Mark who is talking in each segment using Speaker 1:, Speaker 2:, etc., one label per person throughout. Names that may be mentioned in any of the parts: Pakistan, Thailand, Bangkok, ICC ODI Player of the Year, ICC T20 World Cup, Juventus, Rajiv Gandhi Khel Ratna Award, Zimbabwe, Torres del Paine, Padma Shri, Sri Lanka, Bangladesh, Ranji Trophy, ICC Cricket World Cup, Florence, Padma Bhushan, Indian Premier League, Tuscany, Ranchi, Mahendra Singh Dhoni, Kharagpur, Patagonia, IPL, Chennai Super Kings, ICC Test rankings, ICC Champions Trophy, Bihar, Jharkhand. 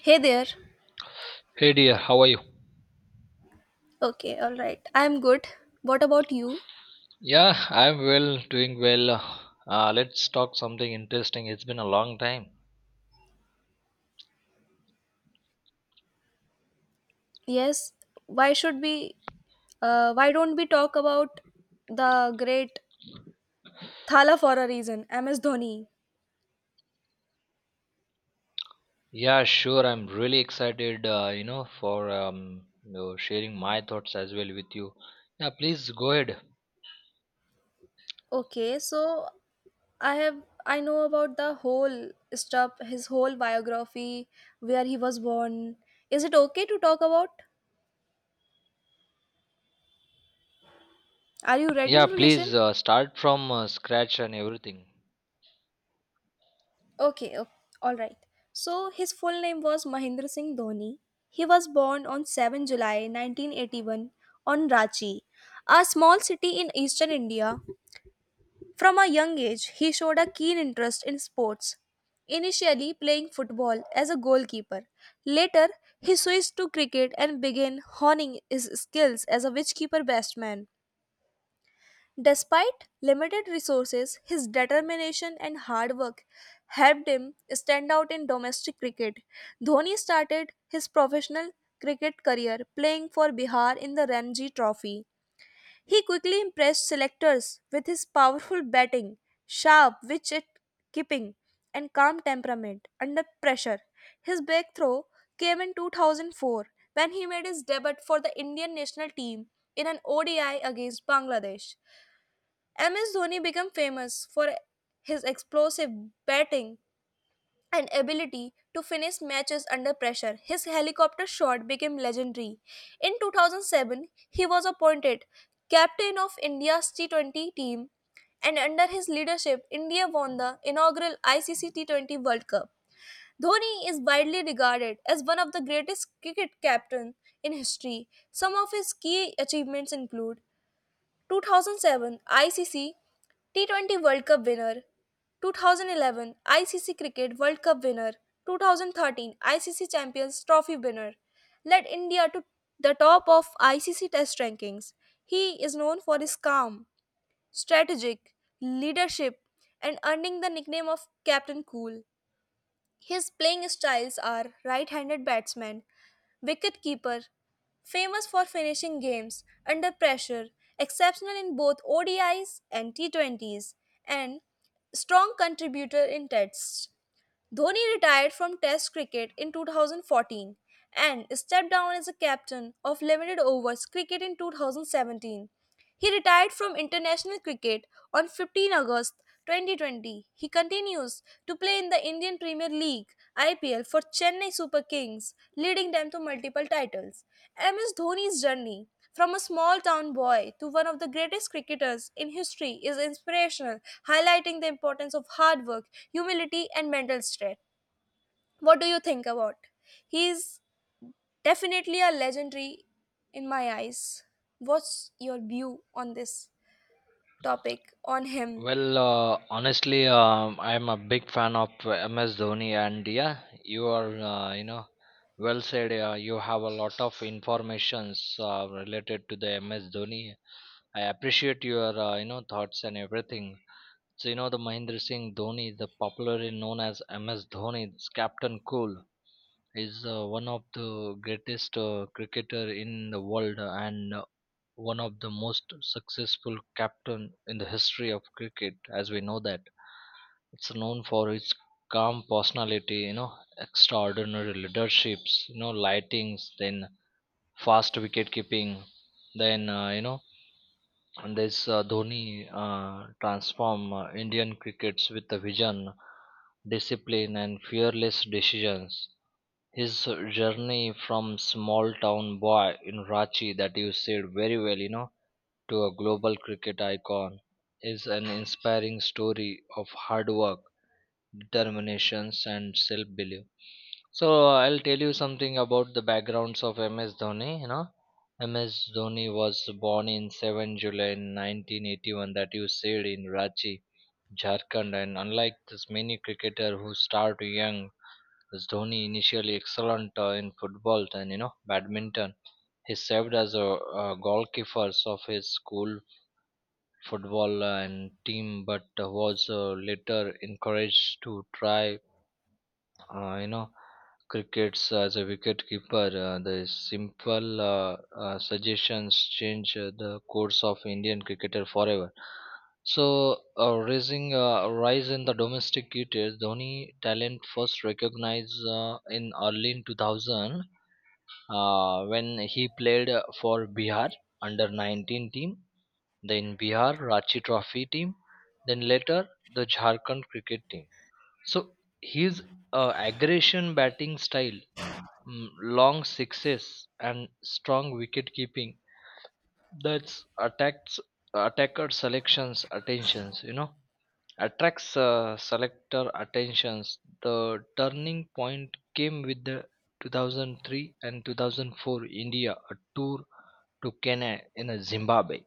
Speaker 1: Hey there.
Speaker 2: Hey dear, how are you?
Speaker 1: Okay, all right. I'm good. What about you?
Speaker 2: Yeah, I'm well, doing well. Let's talk something interesting. It's been a long time.
Speaker 1: Yes. Why should we? Why don't we talk about the great Thala for a reason, MS Dhoni?
Speaker 2: Yeah, sure. I'm really excited, for sharing my thoughts as well with you. Yeah, please go ahead.
Speaker 1: Okay, so I have I know about the whole stuff, his whole biography, where he was born. Is it okay to talk about? Are you ready
Speaker 2: Yeah,
Speaker 1: to listen?
Speaker 2: please start from scratch and everything.
Speaker 1: Okay, okay, all right. So his full name was Mahendra Singh Dhoni. He was born on 7 July 1981 on Ranchi, a small city in eastern India. From a young age, he showed a keen interest in sports, initially playing football as a goalkeeper. Later, he switched to cricket and began honing his skills as a wicketkeeper batsman. Despite limited resources, his determination and hard work helped him stand out in domestic cricket. Dhoni started his professional cricket career playing for Bihar in the Ranji Trophy. He quickly impressed selectors with his powerful batting, sharp wicket keeping, and calm temperament under pressure. His breakthrough came in 2004 when he made his debut for the Indian national team in an ODI against Bangladesh. MS Dhoni became famous for his explosive batting and ability to finish matches under pressure. His helicopter shot became legendary. In 2007, he was appointed captain of India's T20 team and under his leadership, India won the inaugural ICC T20 World Cup. Dhoni is widely regarded as one of the greatest cricket captains in history. Some of his key achievements include 2007 ICC T20 World Cup winner, 2011 ICC Cricket World Cup winner, 2013 ICC Champions Trophy winner, led India to the top of ICC Test rankings. He is known for his calm, strategic leadership and earning the nickname of Captain Cool. His playing styles are right handed batsman wicketkeeper, famous for finishing games under pressure, exceptional in both ODIs and T20s, and strong contributor in tests. Dhoni retired from Test cricket in 2014 and stepped down as a captain of limited overs cricket in 2017. He retired from international cricket on August 15 2020. He continues to play in the Indian Premier League IPL for Chennai Super Kings, leading them to multiple titles. MS Dhoni's journey from a small town boy to one of the greatest cricketers in history is inspirational, highlighting the importance of hard work, humility, and mental strength. What do you think about? He is definitely a legendary in my eyes. What's your view on this topic on him?
Speaker 2: Well, honestly, I'm a big fan of MS Dhoni, and yeah, you are, well said. You have a lot of informations related to the MS Dhoni. I appreciate your, thoughts and everything. So, the Mahendra Singh Dhoni, the popularly known as MS Dhoni, is Captain Cool, is one of the greatest cricketer in the world, and one of the most successful captain in the history of cricket, as we know that it's known for its calm personality, extraordinary leaderships, lightings, then fast wicket keeping, then and this Dhoni transform Indian crickets with a vision, discipline, and fearless decisions. His journey from small town boy in Ranchi, that you said very well, to a global cricket icon is an inspiring story of hard work, determination, and self belief. So, I'll tell you something about the backgrounds of MS Dhoni. MS Dhoni was born in 7 July 1981, that you said, in Ranchi, Jharkhand, and unlike this many cricketer who start young, this Dhoni initially excellent in football and badminton. He served as a goalkeeper of his school football and team, but was later encouraged to try uh, you know crickets as a wicket keeper. Uh, the simple suggestions change the course of Indian cricketer forever. So, raising rise in the domestic cricket, Dhoni talent first recognized in early in 2000, when he played for Bihar under 19 team, then Bihar Ranchi Trophy team, then later the Jharkhand cricket team. So his aggression batting style, long sixes, and strong wicket keeping, that's attacks attacker selections attentions. Attracts selector attentions. The turning point came with the 2003 and 2004 India a tour to Kenya in Zimbabwe,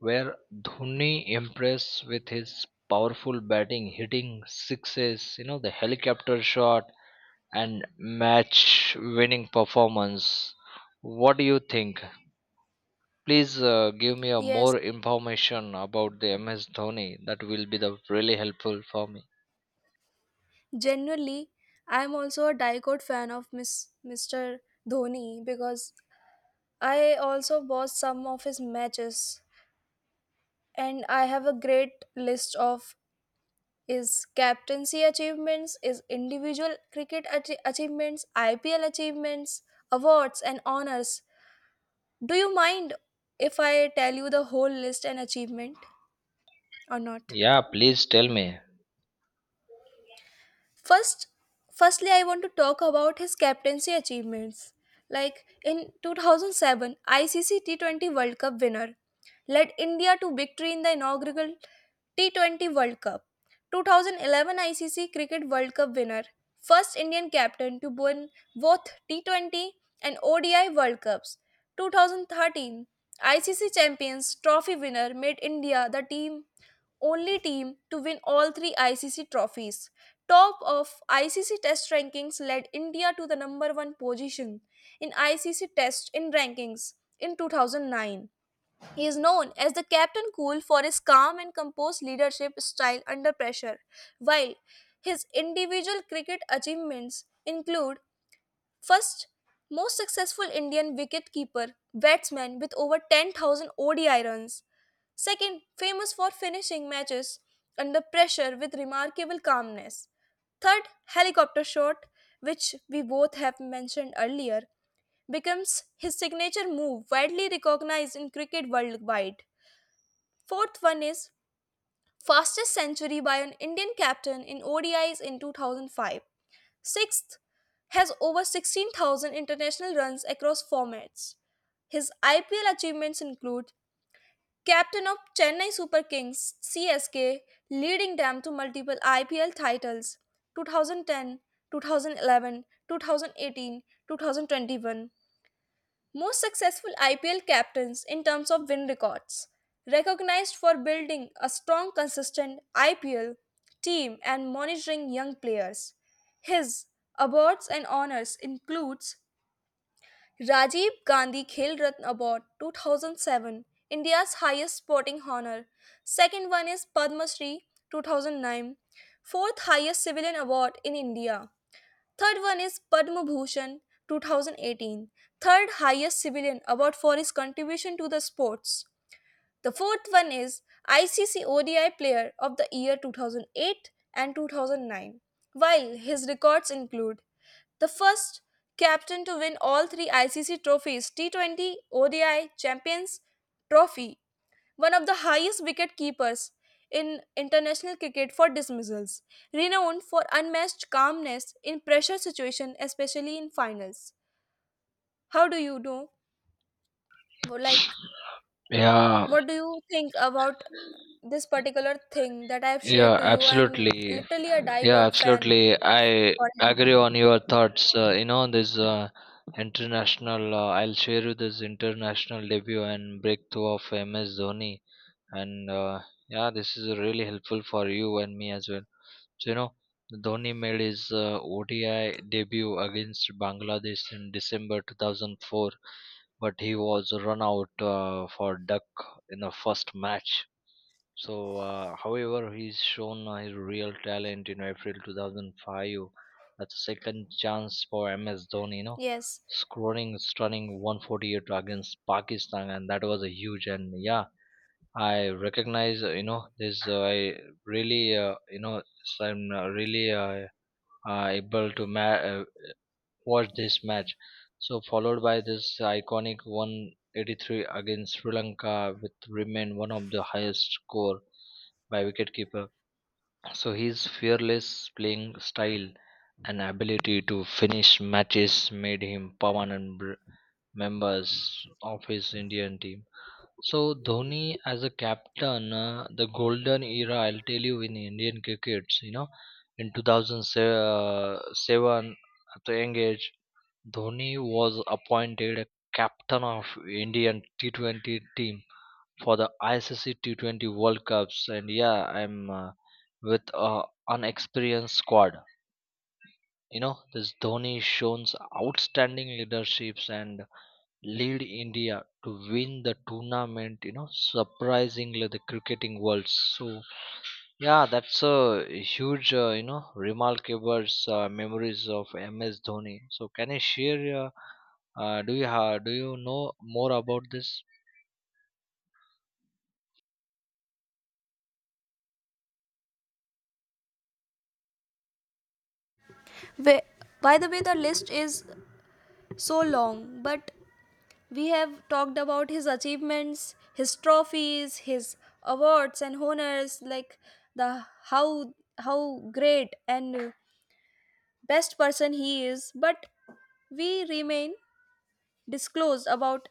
Speaker 2: where Dhoni impressed with his powerful batting, hitting sixes, the helicopter shot and match winning performance. What do you think? Please give me a
Speaker 1: Yes,
Speaker 2: more information about the MS Dhoni. That will be the really helpful for me.
Speaker 1: genuinely, I'm also a diehard fan of Miss, Mr. Dhoni because I also watched some of his matches and I have a great list of his captaincy achievements, his individual cricket achievements, IPL achievements, awards, and honors. Do you mind if I tell you the whole list and achievement or not?
Speaker 2: Yeah, please tell me.
Speaker 1: First, firstly, I want to talk about his captaincy achievements. Like in 2007, ICC T20 World Cup winner led India to victory in the inaugural T20 World Cup. 2011 ICC Cricket World Cup winner, first Indian captain to win both T20 and ODI World Cups. 2013 ICC Champions Trophy winner made India the team only team to win all three ICC trophies. Top of ICC Test rankings led India to the number one position in ICC Test in rankings in 2009. He is known as the Captain Cool for his calm and composed leadership style under pressure, while his individual cricket achievements include first, most successful Indian wicketkeeper, batsman with over 10,000 ODI runs. Second, famous for finishing matches under pressure with remarkable calmness. Third, helicopter shot, which we both have mentioned earlier, becomes his signature move widely recognized in cricket worldwide. Fourth one is fastest century by an Indian captain in ODIs in 2005. Sixth, has over 16,000 international runs across formats. His IPL achievements include captain of Chennai Super Kings CSK, leading them to multiple IPL titles 2010, 2011, 2018, 2021. Most successful IPL captains in terms of win records, recognized for building a strong, consistent IPL team and monitoring young players. His awards and honors includes Rajiv Gandhi Khel Ratna Award 2007, India's highest sporting honor. Second one is Padma Shri 2009, fourth highest civilian award in India. Third one is Padma Bhushan 2018, third highest civilian award for his contribution to the sports. The fourth one is ICC ODI Player of the Year 2008 and 2009, while his records include the first captain to win all three ICC trophies T20 ODI Champions Trophy one of the highest wicket keepers in international cricket for dismissals, renowned for unmatched calmness in pressure situations, especially in finals. How do you know? Like,
Speaker 2: Yeah,
Speaker 1: what do you think about this particular thing that I have shared
Speaker 2: yeah,
Speaker 1: to you? I'm
Speaker 2: absolutely.
Speaker 1: literally a die
Speaker 2: Yeah,
Speaker 1: Dicot fan
Speaker 2: absolutely. I
Speaker 1: for him.
Speaker 2: agree on your thoughts. This I'll share you this international debut and breakthrough of MS Dhoni. And yeah, this is really helpful for you and me as well. So, Dhoni made his ODI debut against Bangladesh in December 2004, but he was run out for duck in the first match. So, however, he's shown his real talent in April 2005. That's a second chance for MS Dhoni,
Speaker 1: Yes.
Speaker 2: scoring stunning 148 against Pakistan, and that was a huge. And yeah, I recognize, this. I really, so I'm really able to watched this match. So followed by this iconic 183 against Sri Lanka, with remain one of the highest score by wicketkeeper. So his fearless playing style and ability to finish matches made him permanent members of his Indian team. So Dhoni as a captain, the golden era. I'll tell you in Indian crickets, in 2007, at the young age, Dhoni was appointed captain of Indian T20 team for the ICC T20 World Cups. And yeah, I'm with an experienced squad. This Dhoni shows outstanding leaderships and lead India to win the tournament, surprisingly the cricketing world. So yeah, that's a huge, remarkable memories of MS Dhoni. So, can you share? Do you have? Do you know more about this?
Speaker 1: Wh- By the way, the list is so long, but we have talked about his achievements, his trophies, his awards and honors, like the how great and best person he is, but we remain disclosed about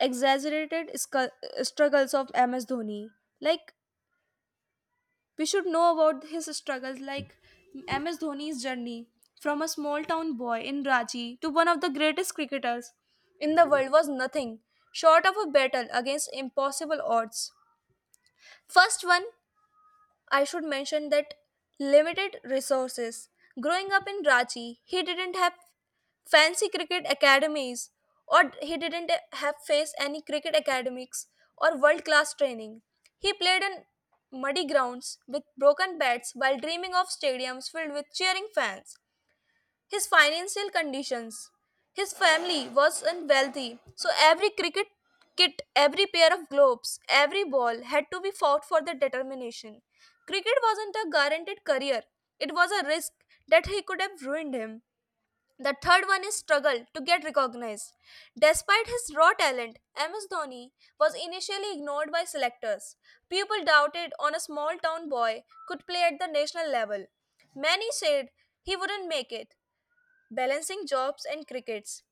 Speaker 1: exaggerated struggles of MS Dhoni. Like we should know about his struggles. Like MS Dhoni's journey from a small town boy in Ranchi to one of the greatest cricketers in the world was nothing short of a battle against impossible odds. First one, I should mention that limited resources. Growing up in Ranchi, he didn't have fancy cricket academies or he didn't have faced any cricket academics or world class training. He played in muddy grounds with broken bats while dreaming of stadiums filled with cheering fans. His financial conditions, his family was unwealthy, so every cricket kit, every pair of gloves, every ball had to be fought for the determination. Cricket wasn't a guaranteed career. It was a risk that he could have ruined him. The third one is struggle to get recognized. Despite his raw talent, MS Dhoni was initially ignored by selectors. People doubted on a small town boy could play at the national level. Many said he wouldn't make it, balancing jobs and crickets.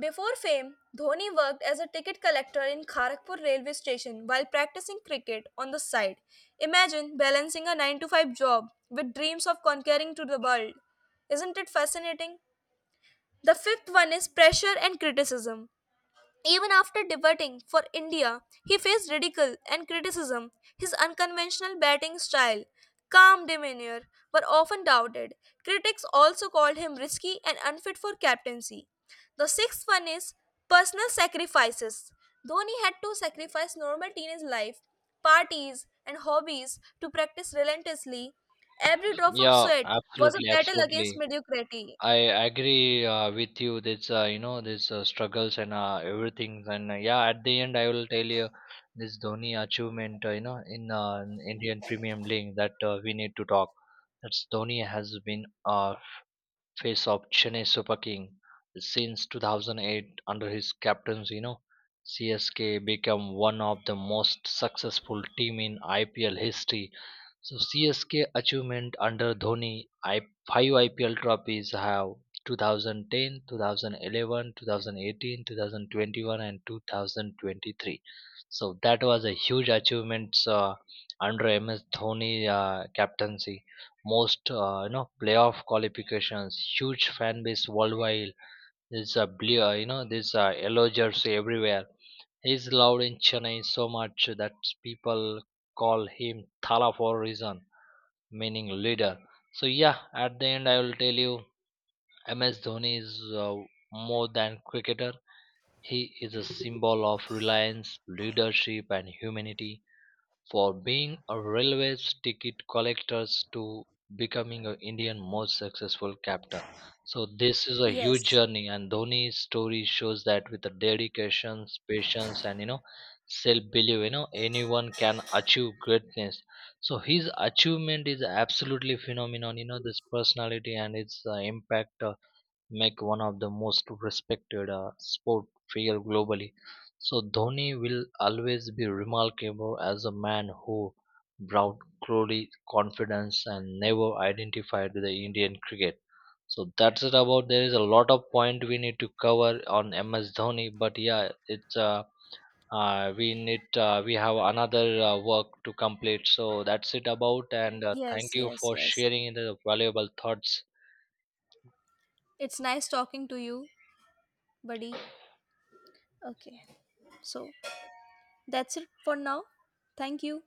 Speaker 1: Before fame, Dhoni worked as a ticket collector in Kharagpur railway station while practicing cricket on the side. Imagine balancing a 9 to 5 job with dreams of conquering to the world. Isn't it fascinating? The fifth one is pressure and criticism. Even after debuting for India, he faced ridicule and criticism. His unconventional batting style, calm demeanor were often doubted. Critics also called him risky and unfit for captaincy. The sixth one is personal sacrifices. Dhoni had to sacrifice normal teenage life, parties, and hobbies to practice relentlessly. Every drop of
Speaker 2: Yeah,
Speaker 1: sweat was a
Speaker 2: absolutely,
Speaker 1: battle against
Speaker 2: absolutely.
Speaker 1: mediocrity.
Speaker 2: I agree with you. This struggles and everything. And yeah, at the end, I will tell you this Dhoni achievement. In Indian Premium League, that we need to talk. That's Dhoni has been face of Chennai Super King since 2008. Under his captaincy, CSK became one of the most successful team in IPL history. So CSK achievement under Dhoni, I, 5 IPL trophies have 2010, 2011, 2018, 2021, and 2023. So that was a huge achievement under MS Dhoni captaincy. Most playoff qualifications, huge fan base worldwide. There's a blue, there's a yellow jersey everywhere. He's loved in Chennai so much that people call him Thala for a reason, meaning leader. So yeah, at the end, I will tell you MS Dhoni is more than cricketer. He is a symbol of reliance, leadership, and humanity, for being a railway ticket collector to becoming a Indian most successful captain. So this is a huge
Speaker 1: Yes.
Speaker 2: journey, and Dhoni's story shows that with the dedication, patience, and self-belief, anyone can achieve greatness. So his achievement is absolutely phenomenal. This personality and its impact, make one of the most respected sport figure globally. So Dhoni will always be remarkable as a man who brought glory, confidence, and never identified with the Indian cricket. So that's it about. There is a lot of point we need to cover on MS Dhoni, but yeah, it's we have another work to complete. So that's it about. And thank
Speaker 1: Yes,
Speaker 2: you
Speaker 1: yes,
Speaker 2: for
Speaker 1: yes.
Speaker 2: sharing the valuable thoughts.
Speaker 1: It's nice talking to you, buddy. Okay, so that's it for now. Thank you.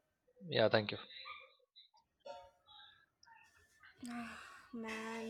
Speaker 2: Yeah, thank you.
Speaker 1: Man,